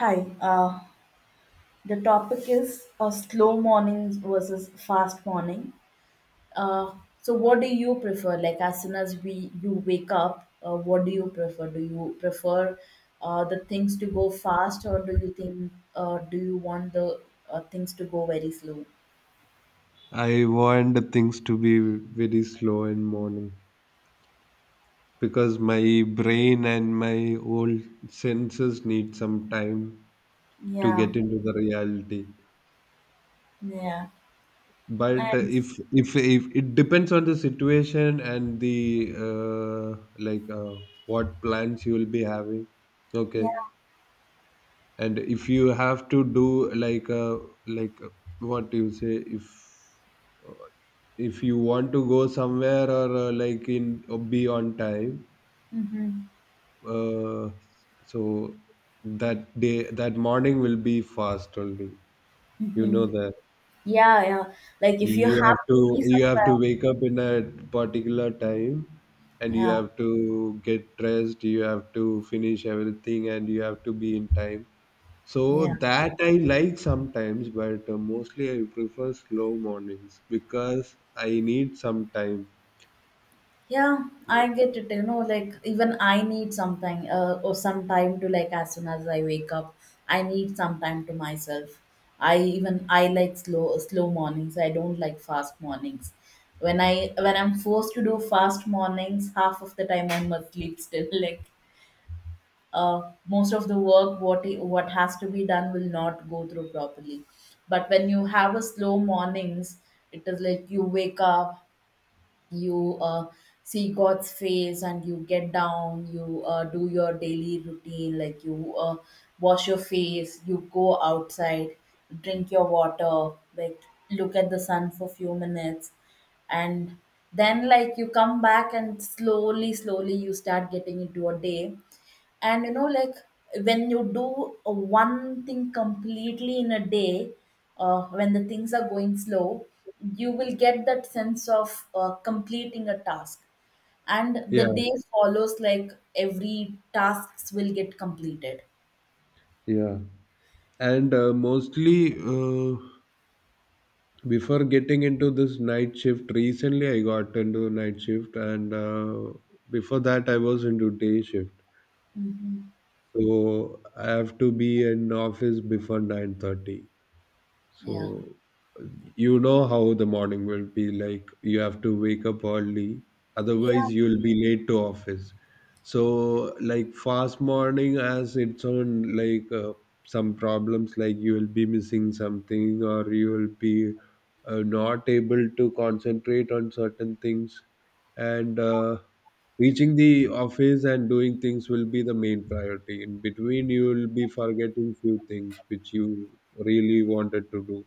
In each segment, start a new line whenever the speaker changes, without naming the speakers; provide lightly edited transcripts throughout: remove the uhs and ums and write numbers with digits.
Hi, uh, the topic is slow mornings versus fast morning. Uh, so, what do you prefer? Like, as soon as we you wake up, what do you prefer? Do you prefer the things to go fast, or do you think, do you want the things to go very slow?
I want the things to be very slow in morning because my brain and my old senses need some time to
Yeah,
get into the reality.
yeah,
But
and
if it depends on the situation and the like what plans you will be having.
yeah,
Okay, and if you have to do like uh, what do you say uh, if you want to go somewhere or like in or be on time,
mm-hmm,
uh, so that morning will be fast only. You know
mm-hmm.
that
Yeah, yeah. Like, if you
you have
have to
to
be
you have to
somewhere,
wake up in a particular time, and you
yeah,
have to get dressed, you have to finish everything, and you have to be in time. So
yeah.
that I like sometimes, but mostly I prefer slow mornings because I need some time.
Yeah, I get it. You know, like even I need something or some time to, like, as soon as I wake up, I need some time to myself. I like slow mornings. I don't like fast mornings. When I'm forced to do fast mornings, half of the time I must sleep still. Like most of the work what has to be done will not go through properly. But when you have a slow mornings, it is like you wake up, you see God's face and you get down, you do your daily routine, like you wash your face, you go outside, drink your water, like look at the sun for few minutes, and then, like, you come back and slowly, slowly you start getting into a day, and you know like when you do one thing completely in a day, when the things are going slow, you will get that sense of completing a task, and the
Yeah,
day follows like every tasks will get completed.
yeah, and mostly before getting into this night shift, recently I got into night shift, and before that I was into day shift.
Hmm.
So I have to be in office before 9:30.
Yeah,
So you know how the morning will be like. You have to wake up early,
yeah.
otherwise you'll be late to office. So, like, fast morning has its own some problems. Like you will be missing something, or you will be not able to concentrate on certain things, and reaching the office and doing things will be the main priority. In between, you will be forgetting few things which you really wanted to do.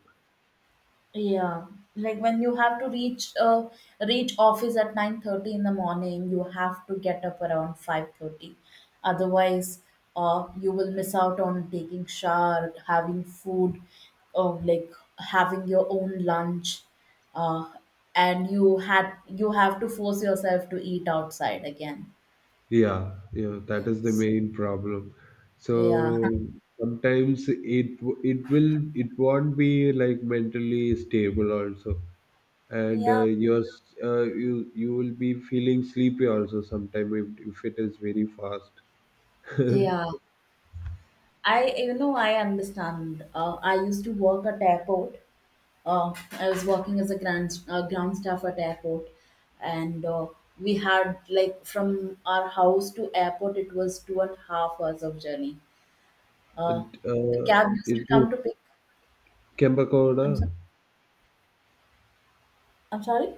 Yeah, like when you have to reach office at 9:30 in the morning, you have to get up around 5:30. Otherwise, uh, you will miss out on taking shower, having food, like having your own lunch. Uh and you had You have to force yourself to eat outside again.
Yeah, yeah, that is the main problem.
Yeah.
So sometimes it won't be like mentally stable also, and
Yeah.
you will be feeling sleepy also sometime if it is very fast.
Yeah, I, you know, I understand. I used to work at airport, I was working as a grand ground staff at airport, and we had, like, from our house to airport it was 2.5 hours of journey. Uh,
And,
the
Uh,
cab used to
it is
come to pick.
Kembagowda,
I'm sorry. I'm sorry.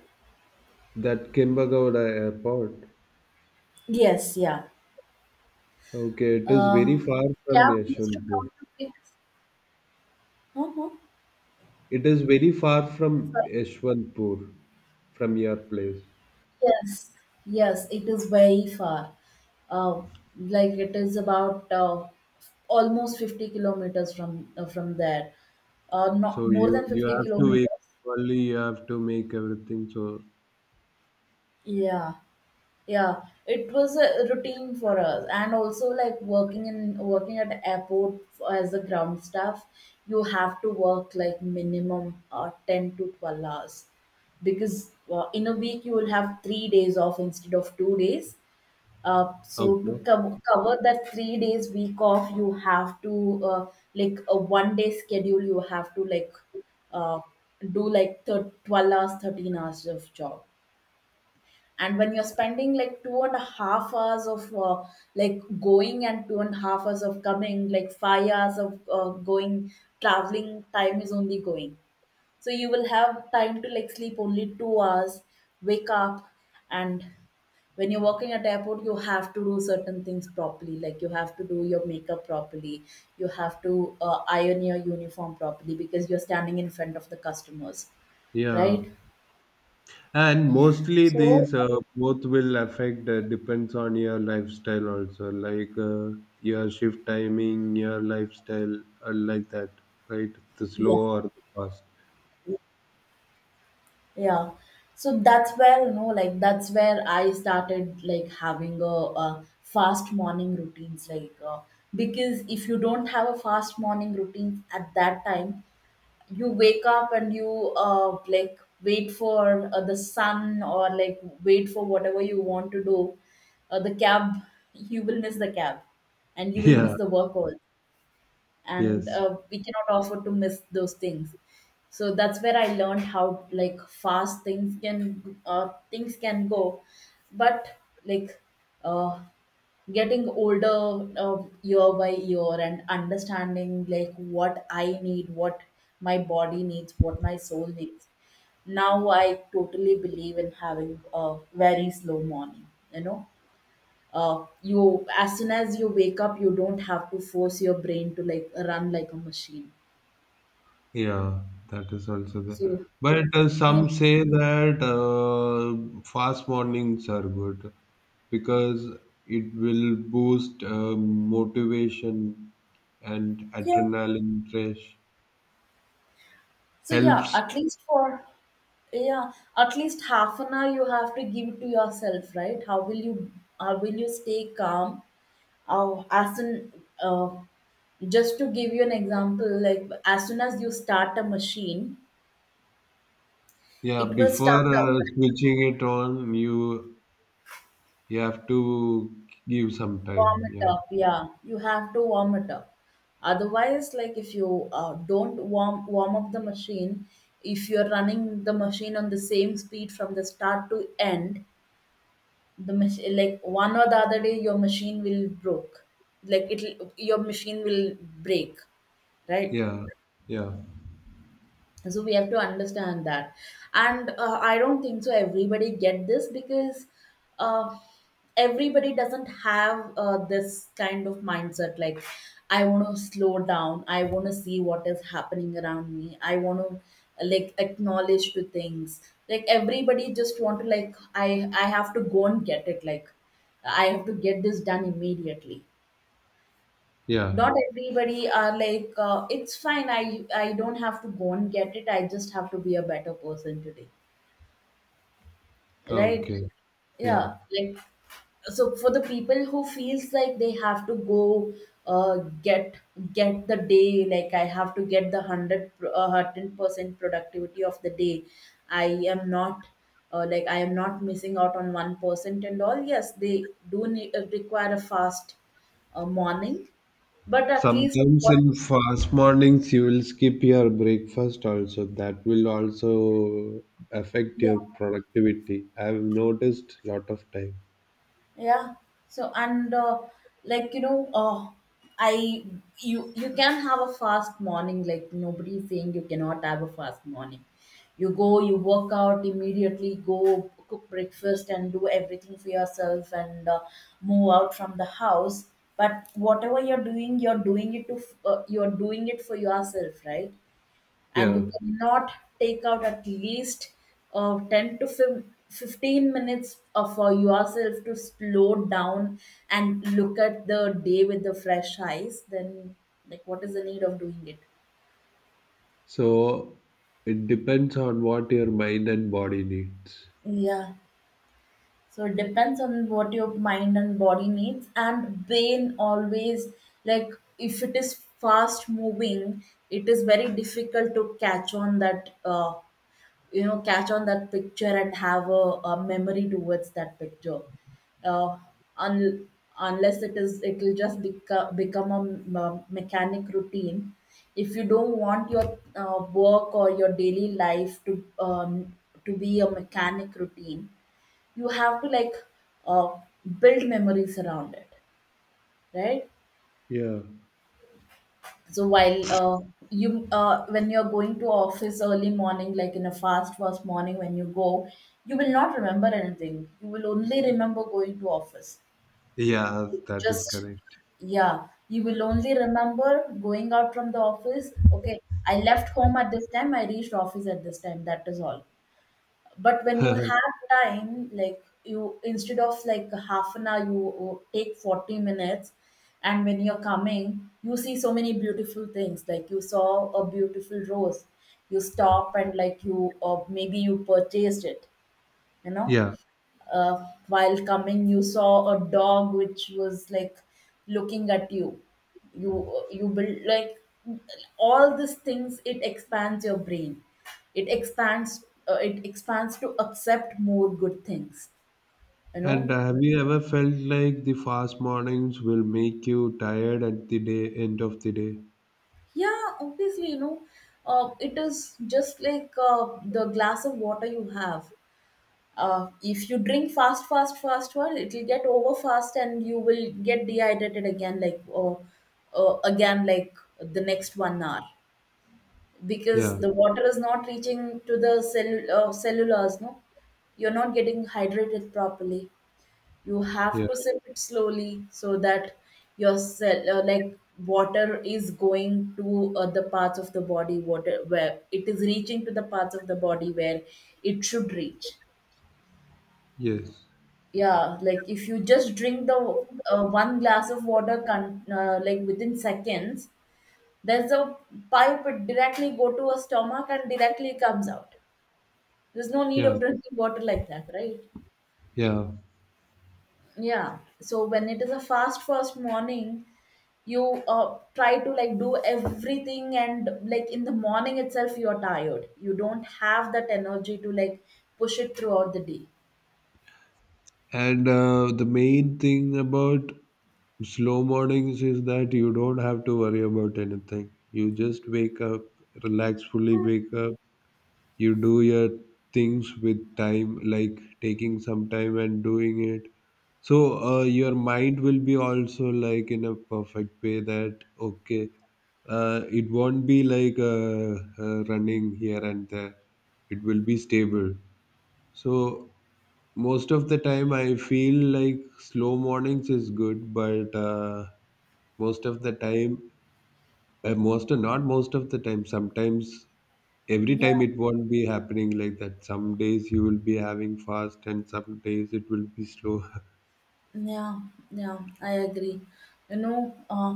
that Kembagowda airport.
Yes, yeah.
Okay, it is very
Uh,
far from
Cab used to come
Yeshwanthpur.
to pick. Uh-huh.
It is very far from Yeshwanthpur, from your place.
Yes, yes, it is very far. Uh, like it is about almost 50 kilometers from there. Not
So
more
you
than
you
50
have to wake
kilometers.
up early. You have to make everything. So
Yeah, yeah. It was a routine for us, and also like working at airport as a ground staff, you have to work like minimum 10 to 12 hours because in a week you will have 3 days off instead of 2 days. Uh, so to
okay,
co- cover that 3 days week off, you have to like a 1 day schedule. You have to like uh, do like 12 hours, 13 hours of job. And when you're spending like 2.5 hours of like going and 2.5 hours of coming, like 5 hours of going, traveling time is only going. So you will have time to like sleep only 2 hours, wake up, and when you're working at airport you have to do certain things properly, like you have to do your makeup properly, you have to iron your uniform properly because you're standing in front of the customers,
yeah.
right?
And mostly
So
these both will affect, depends on your lifestyle also, like your shift timing, your lifestyle, like that, right? The
yeah,
slow or the fast.
yeah. So that's where, you know, like that's where I started like having a fast morning routines like because if you don't have a fast morning routine at that time, you wake up and you like wait for the sun or like wait for whatever you want to do, the cab, you will miss the cab, and you will miss
Yeah.
the work also, and
Yes.
we cannot afford to miss those things. So that's where I learned how like fast things can go. But like uh, getting older year by year and understanding like what I need, what my body needs, what my soul needs, now I totally believe in having a very slow morning, you know, you, as soon as you wake up you don't have to force your brain to like run like a machine.
Yeah, that is also there.
So
But
yeah,
some say that fast mornings are good because it will boost motivation and
yeah.
adrenaline rush.
So yeah,
Helps.
at least for, yeah, at least half an hour you have to give to yourself, right? How will you, how will you stay calm, as an uh, just to give you an example, like as soon as you start a machine
Yeah,
it will start
before
up,
switching it on, you have to give some
warm
time.
it
Yeah,
up, yeah, you have to warm it up. Otherwise, like if you don't warm up the machine, if you're running the machine on the same speed from the start to end, the machine, like one or the other day your machine will broke, like it'll your machine will break, right?
yeah, yeah,
So we have to understand that, and I don't think so everybody get this because uh, everybody doesn't have this kind of mindset, like I want to slow down, I want to see what is happening around me, I want to like acknowledge to things. Like everybody just want to like, i I have to go and get it, like I have to get this done immediately.
yeah.
Not everybody are like, it's fine, I don't have to go and get it, I just have to be a better person today, right?
Okay. Yeah.
Yeah, like so for the people who feels like they have to go uh, get get the day, like I have to get the 100 percent productivity of the day, I am not like I am not missing out on 1% and all, yes, they do need, require a fast morning. But at least
Sometimes
what...
in fast mornings you will skip your breakfast also. That will also affect
Yeah,
your productivity. I've noticed lot of time.
yeah. So and like, you know, I you, you can have a fast morning. Like nobody is saying you cannot have a fast morning. You go, you work out immediately. Go cook breakfast and do everything for yourself and move out from the house. But whatever you're doing it you're doing it for yourself, right? And
Yeah.
you cannot take out at least uh, 10 to fif- 15 minutes for yourself to slow down and look at the day with the fresh eyes, then like what is the need of doing it?
So it depends on what your mind and body needs.
Yeah, so it depends on what your mind and body needs, and brain always, like if it is fast moving, it is very difficult to catch on that you know, catch on that picture and have a memory towards that picture. uh, un- Unless it is, it will just become a mechanic routine. If you don't want your work or your daily life to be a mechanic routine, you have to like uh, build memories around it, right?
Yeah.
So while you when you're going to office early morning, like in a fast morning, when you go, you will not remember anything. You will only remember going to office.
Yeah,
You
that is
Just
correct.
Yeah, you will only remember going out from the office. Okay, I left home at this time. I reached office at this time. That is all. But when you have time, like you instead of like half an hour you take 40 minutes, and when you're coming you see so many beautiful things, like you saw a beautiful rose, you stop and like you, or maybe you purchased it, you know.
Yeah.
While coming you saw a dog which was like looking at you, you, you build like all these things. It expands your brain, it expands, it expands to accept more good things, you
And
know.
have you ever felt like the fast mornings will make you tired at the day end of the day?
Yeah, obviously, you know, it is just like the glass of water you have, if you drink fast well, it'll get over fast and you will get dehydrated again, like, or again like the next 1 hour, because
Yeah.
the water is not reaching to the cellulars, no, you're not getting hydrated properly, you have
Yeah.
to sip it slowly so that your cell like water is going to the parts of the body water where it is reaching, to the parts of the body where it should reach.
Yes.
Yeah, like if you just drink the one glass of water like within seconds, there's a pipe, it directly go to a stomach and directly comes out. There's no need
Yeah.
of drinking water like that, right?
Yeah.
Yeah, so when it is a fast first morning, you try to like do everything, and like in the morning itself you're tired, you don't have that energy to like push it throughout the day.
And the main thing about slow mornings is that you don't have to worry about anything. You just wake up, relax, fully wake up. You do your things with time, like taking some time and doing it. So your mind will be also like in a perfect way that, okay, it won't be like running here and there. It will be stable. So most of the time, I feel like slow mornings is good, but most of the time, most not most of the time, sometimes every
Yeah,
time it won't be happening like that. Some days you will be having fast, and some days it will be slow.
yeah, yeah, I agree. You know,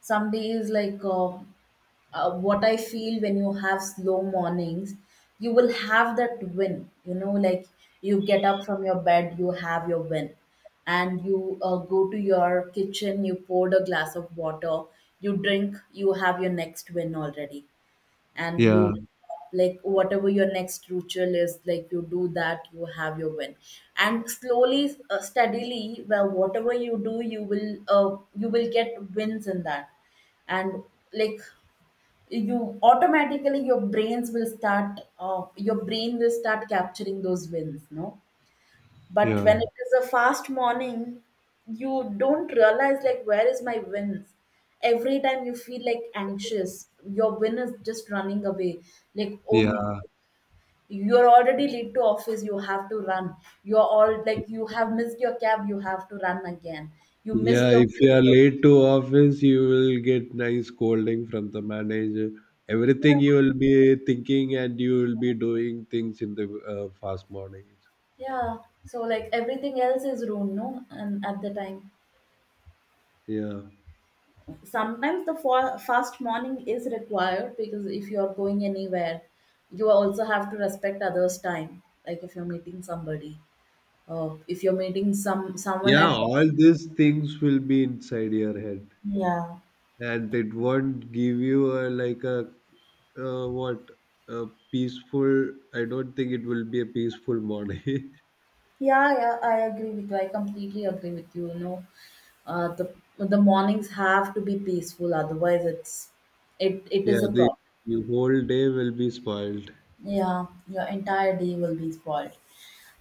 some days like what I feel when you have slow mornings, you will have that win, you know, Like you get up from your bed, you have your win. And you go to your kitchen, you poured a glass of water, you drink, you have your next win already. And
Yeah,
you like whatever your next ritual is, like you do that, you have your win. And slowly steadily, well whatever you do, you will get wins in that. And like you automatically your brains will start your brain will start capturing those wins, no? But
yeah,
when it is a fast morning, you don't realize like where is my wins. Every time you feel like anxious, your win is just running away. Like
yeah,
oh, you're already late to office, you have to run. You're all like you have missed your cab, you have to run again. You missed
yeah.
your
If you are
breakfast.
late to office, you will get nice scolding from the manager. Everything you will be thinking, and you will be doing things in the fast mornings.
Yeah. So like everything else is ruined, no? And at the time.
Yeah.
Sometimes the fast morning is required because if you are going anywhere, you also have to respect others time. Like if you're meeting somebody or if you're meeting someone
Yeah,
at.
all these things will be inside your head,
yeah
and it won't give you a, like a, what, a peaceful. I don't think it will be a peaceful morning.
yeah yeah, I agree with you, I completely agree with you. You know, the mornings have to be peaceful, otherwise it it
Yeah,
is a
the
problem.
your whole day will be spoiled.
Yeah, your entire day will be spoiled.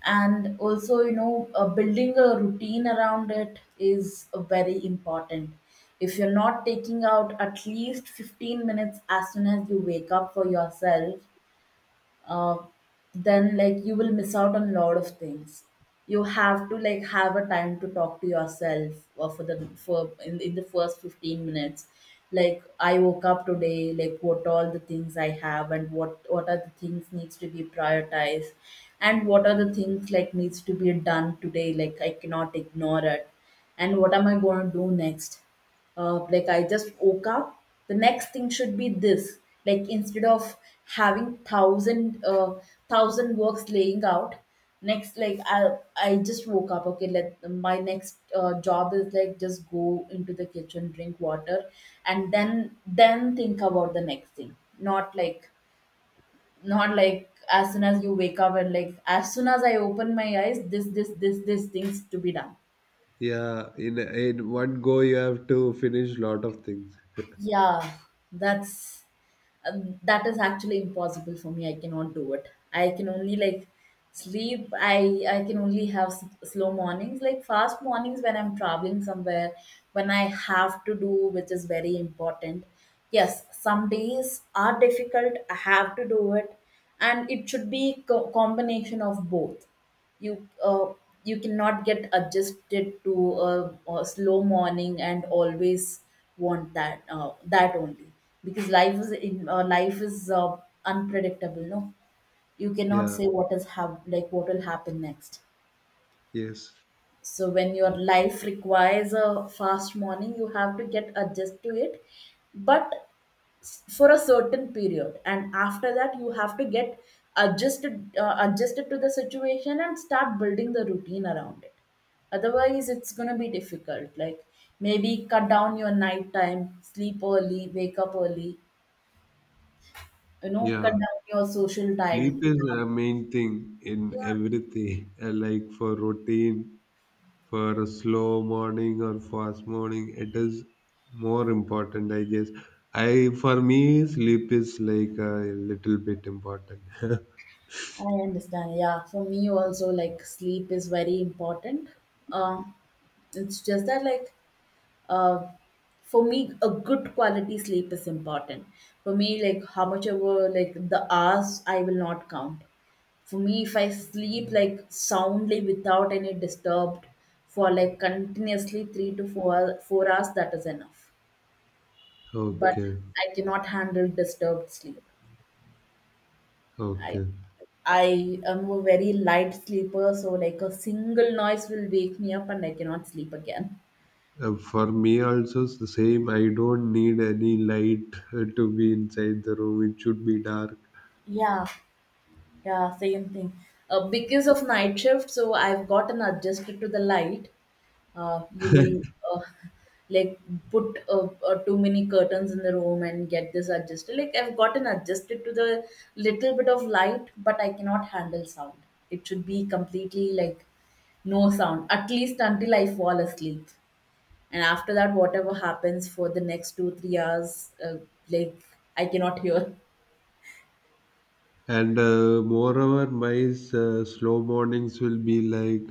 And also, you know, building a routine around it is very important. If you're not taking out at least 15 minutes as soon as you wake up for yourself, uh, then like you will miss out on a lot of things. You have to like have a time to talk to yourself, or for the for in the first 15 minutes, like I woke up today, like what all the things I have, and what are the things needs to be prioritized, and what are the things like needs to be done today, like I cannot ignore it, and what am I going to do next. Like I just woke up. The next thing should be this. Like instead of having thousand works laying out, next like I just woke up. Okay, let my next job is like just go into the kitchen, drink water, and then think about the next thing. Not like not like as soon as you wake up, and like as soon as I open my eyes, this things to be done.
Yeah, in one go you have to finish lot of things.
Yeah, that's that is actually impossible for me. I cannot do it. I can only like sleep. I can only have slow mornings, like fast mornings when I'm traveling somewhere, when I have to do, which is very important. Yes, some days are difficult. I have to do it, and it should be combination of both. You you cannot get adjusted to a slow morning, and always want that only, because life is unpredictable, no? You cannot
Yeah,
say like what will happen next.
yes.
So when your life requires a fast morning, you have to get adjust to it. But for a certain period, and after that you have to get adjusted to the situation and start building the routine around it. Otherwise it's going to be difficult. Like maybe cut down your night time sleep, early wake up early, you know, cut
Yeah,
down your social time.
sleep is a main thing in everything. Like, for routine, for a slow morning or fast morning, it is more important, I guess. I For me, sleep is like a little bit important.
I understand. Yeah, for me also, like sleep is very important. Um, it's just that like, uh, for me a good quality sleep is important. For me, like how much ever like the hours, I will not count. For me, if I sleep like soundly without any disturbed, for like continuously three to four 4 hours, that is enough. But
Okay,
I cannot handle disturbed sleep. i
okay.
i am a very light sleeper, so like a single noise will wake me up and I cannot sleep again.
For me also, it's the same. I don't need any light to be inside the room. It should be dark.
Yeah. Yeah, same thing. Because of night shift, so I've gotten adjusted to the light. You will uh, like put too many curtains in the room and get this adjusted. Like I've gotten adjusted to the little bit of light, but I cannot handle sound. It should be completely like no sound, at least until I fall asleep. And after that, whatever happens for the next two, 3 hours, like I cannot hear.
And moreover, my slow mornings will be like,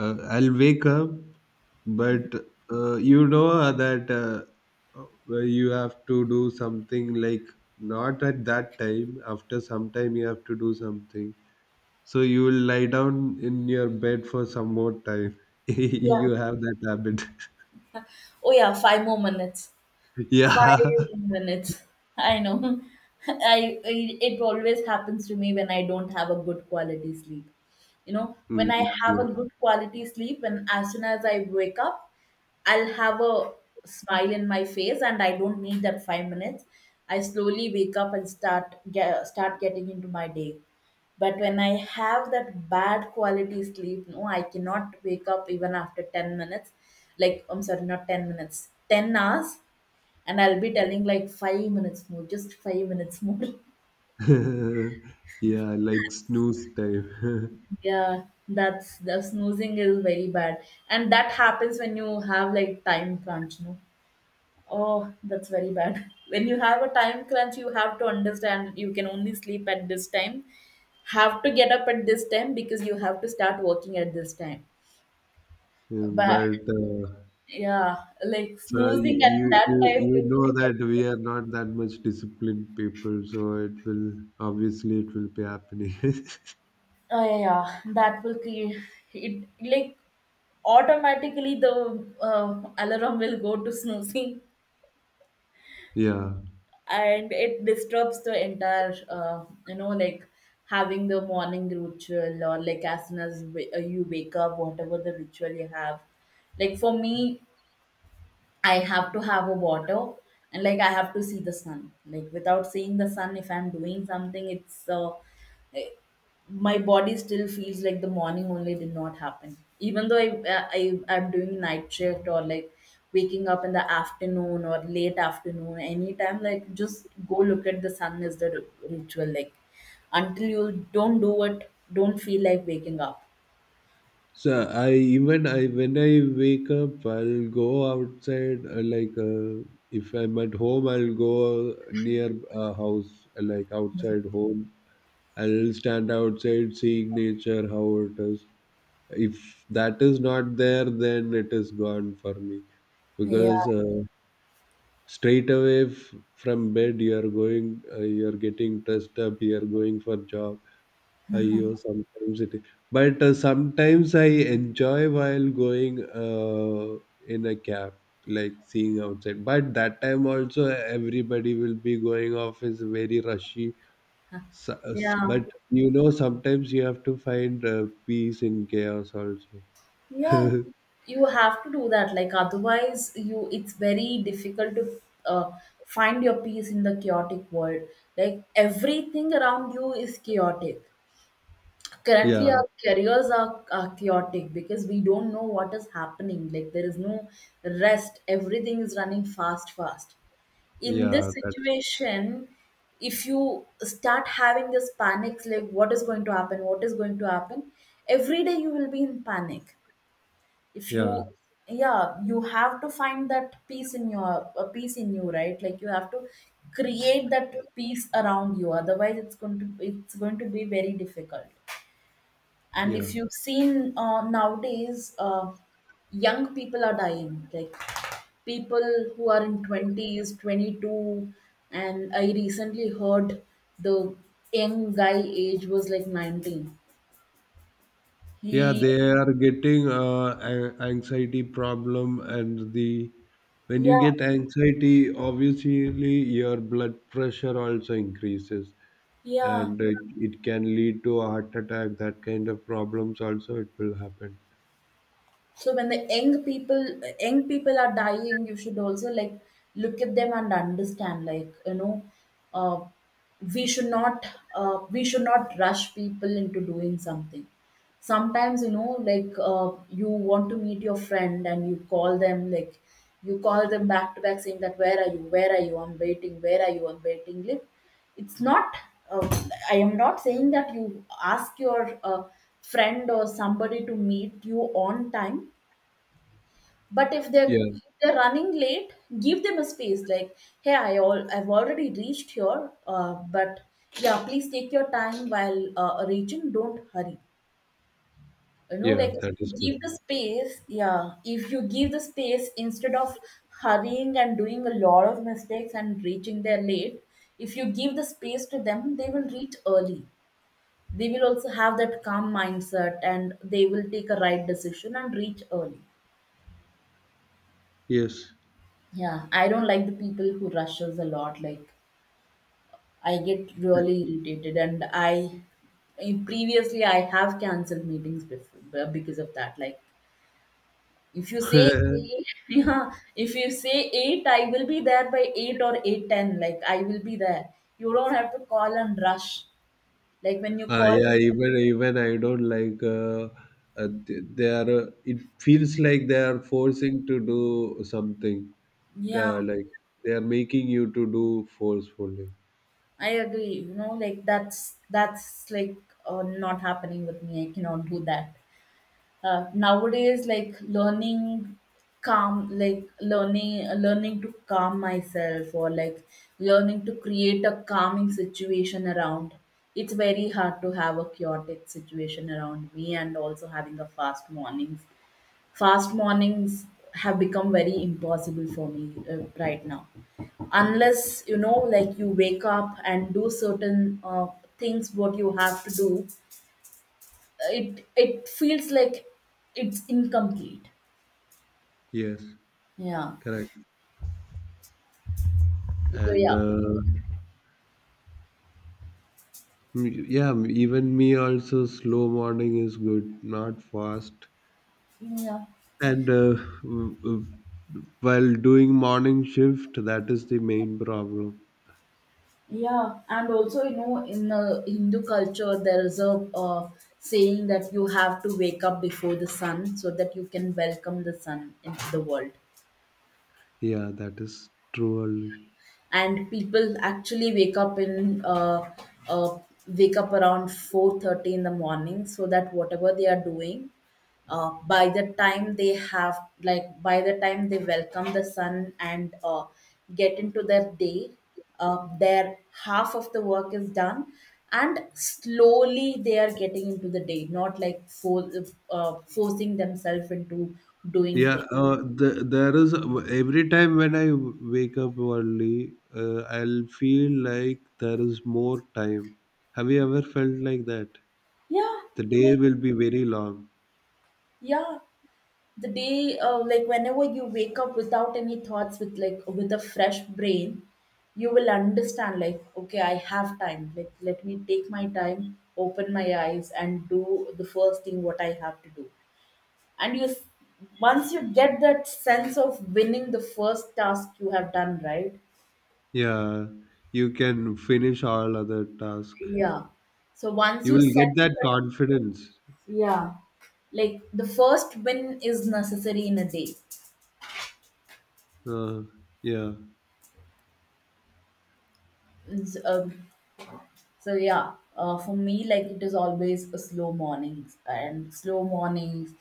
I'll wake up, but that, where you have to do something, like, not at that time, after some time you have to do something. So you will lie down in your bed for some more time.
Yeah.
You have that habit.
Oh yeah, five more minutes.
Yeah.
5 minutes. I know. I It always happens to me when I don't have a good quality sleep. You know, when I have a
Mm,
good quality sleep, when as soon as I wake up, I'll have a smile in my face, and I don't need that 5 minutes. I slowly wake up and start getting into my day. But when I have that bad quality sleep, no, I cannot wake up even after 10 minutes. Like, I'm sorry, not 10 minutes, 10 hours. And I'll be telling like 5 minutes more, just 5 minutes more.
yeah. Yeah, like snooze time.
Yeah, that's the snoozing is very bad. And that happens when you have like time crunch, no? Oh, that's very bad. When you have a time crunch, you have to understand you can only sleep at this time, have to get up at this time because you have to start working at this time. But
But,
yeah, like
so you,
snoozing at
you
that
you
time
you
will
know
become.
that we are not that much disciplined people, so it will, obviously, it will be happening.
Yeah, yeah. That will create it like automatically the alarm will go to snoozing,
Yeah.
and it disturbs the entire you know, like having the morning ritual, or like as soon as you wake up, whatever the ritual you have. Like for me, I have to have a water, and like I have to see the sun. Like without seeing the sun, if I'm doing something, it's my body still feels like the morning only did not happen. Even though I'm doing night shift or like waking up in the afternoon or late afternoon, anytime, like just go look at the sun is the ritual. Like until you don't do it, don't feel like waking up.
So I, even I, when I wake up, I'll go outside. Like, if I'm at home, I'll go near a house, like outside home. I'll stand outside, seeing nature how it is. If that is not there, then it is gone for me,
Yeah.
because straight away from bed you're going, you're getting dressed up, you're going for job. Aiyo, sometimes it but sometimes I enjoy while going, uh, in a cab, like seeing outside, but that time also everybody will be going off, is very rushy.
Yeah,
But you know sometimes you have to find peace in chaos also.
yeah, you have to do that. Like otherwise you it's very difficult to uh, find your peace in the chaotic world. Like everything around you is chaotic. Currently
Yeah,
our careers are chaotic because we don't know what is happening, like there is no rest. Everything is running fast fast in
yeah,
this
that is.
situation. If you start having this panics, like what is going to happen, what is going to happen, every day you will be in panic. If you,
Yeah,
yeah, you have to find that peace in your a peace in you, right? Like you have to create that peace around you, otherwise it's going to be very difficult. And
yeah.
if you've seen, nowadays young people are dying, like people who are in 20s, 22. And I recently heard the young guy age was like 19.
Yeah,
He,
they are getting anxiety problem, and the when you
yeah,
get anxiety, obviously your blood pressure also increases,
yeah.
and it can lead to a heart attack. That kind of problems also it will happen.
So when the young people, young people are dying, you should also like look at them and understand. Like you know, uh, we should not we should not rush people into doing something. Sometimes you know, like you want to meet your friend and you call them, like you call them back to back saying that, where are you, I'm waiting, where are you, I'm waiting. Like it's not, uh, I am not saying that you ask your friend or somebody to meet you on time, but
Yeah,
if they're running late, give them a space. Like hey, I've already reached here, but yeah, please take your time while reaching, don't hurry. You know,
yeah,
like if
that
you
is good.
give the space, yeah, if you give the space, instead of hurrying and doing a lot of mistakes and reaching there late, if you give the space to them, they will reach early. They will also have that calm mindset and they will take a right decision and reach early.
Yes.
Yeah, I don't like the people who rushes a lot. Like I get really irritated, and I previously I have cancelled meetings before because of that. Like if you say, yeah, if you say 8, I will be there by 8 or 8:10, like I will be there. You don't have to call and rush. Like when you call,
Yeah, even I don't like. They are. It feels like they are forcing to do something.
yeah.
Like they are making you to do forcefully.
I agree. You know, like that's like, not happening with me. I cannot do that. Nowadays, like learning learning to calm myself, or like learning to create a calming situation around. It's very hard to have a chaotic situation around me and also having a fast mornings. Fast mornings have become very impossible for me, right now. Unless you know, like you wake up and do certain things what you have to do, it feels like it's incomplete.
Yes,
Yeah.
correct.
So
And
yeah,
yeah, even me also slow morning is good, not fast.
yeah,
And w- w- while doing morning shift, that is the main problem.
yeah. And also, you know, in Hindu culture, there is a saying that you have to wake up before the sun, so that you can welcome the sun into the world.
Yeah, that is true, early.
And people actually wake up in uh, wake up around 4:30 in the morning, so that whatever they are doing, by the time they have like by the time they welcome the sun and get into their day, their half of the work is done, and slowly they are getting into the day, not like forcing themselves into doing
Yeah,
things.
there is, every time when I wake up early, I'll feel like there is more time. Have you ever felt like that?
Yeah.
The day
Like
will be very long.
yeah, the day like whenever you wake up without any thoughts, with like with a fresh brain, you will understand like okay, I have time, like let me take my time, open my eyes, and do the first thing what I have to do. And once you get that sense of winning the first task you have done, right?
Yeah, you can finish all other tasks.
Yeah. So once
You
you
will
set,
get that confidence.
yeah, like the first win is necessary in a day.
Uh, yeah,
Is s- um, So yeah, for me, like it is always a slow mornings and slow mornings,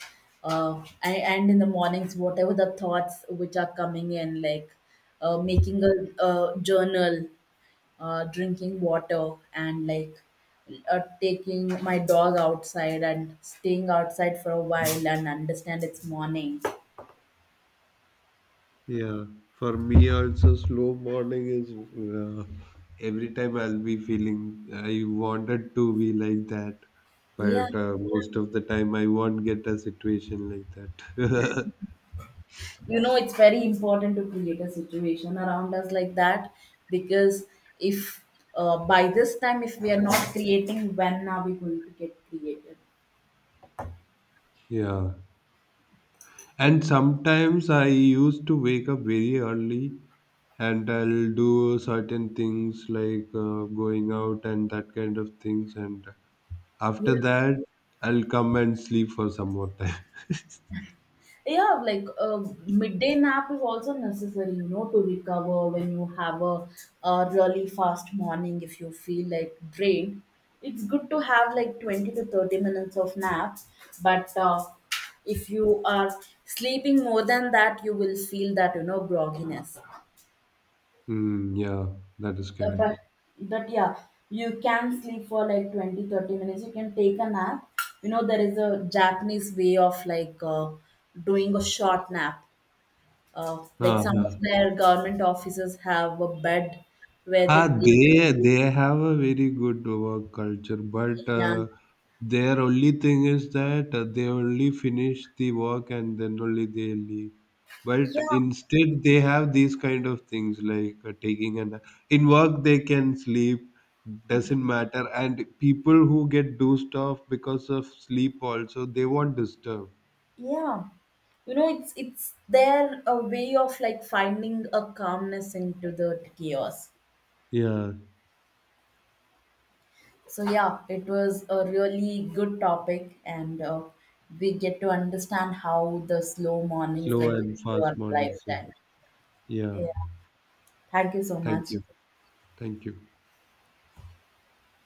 and in the mornings, whatever the thoughts which are coming in, like making a journal, drinking water, and like taking my dog outside and staying outside for a while and understand it's morning.
yeah. For me also, slow morning is, uh, every time I'll be feeling I wanted to be like that,
Yeah.
but most of the time I won't get a situation like that.
You know, it's very important to create a situation around us like that, because if by this time if we are not creating, when are we going to get created?
Yeah. And sometimes I used to wake up very early and I'll do certain things like, going out and that kind of things. And
Yeah.
after that, I'll come and sleep for some more time.
Yeah, like midday nap is also necessary, you know, to recover when you have a really fast morning, if you feel like drained. It's good to have like 20 to 30 minutes of nap, but if you are sleeping more than that, you will feel that you know grogginess.
Mm, yeah, that is
Uh, but
correct.
but yeah, you can sleep for like 20, 30 minutes, you can take a nap. You know, there is a japanese way of like doing a short nap, like some of
Uh-huh.
their government offices have a bed where they
Ah,
take.
they have a very good work culture, but
And
their only thing is that they only finish the work and then only they leave.
yeah,
But instead, they have these kind of things like, taking an in work they can sleep, doesn't matter. And people who get dozed off because of sleep also they won't disturb.
yeah, you know, it's their a way of like finding a calmness into the chaos.
Yeah,
So yeah, it was a really good topic, and we get to understand how the slow mornings
slow
like
and
to
fast
our
mornings. Yeah.
lifestyle.
Yeah.
Yeah, thank you so
Thank
much.
you. Thank you.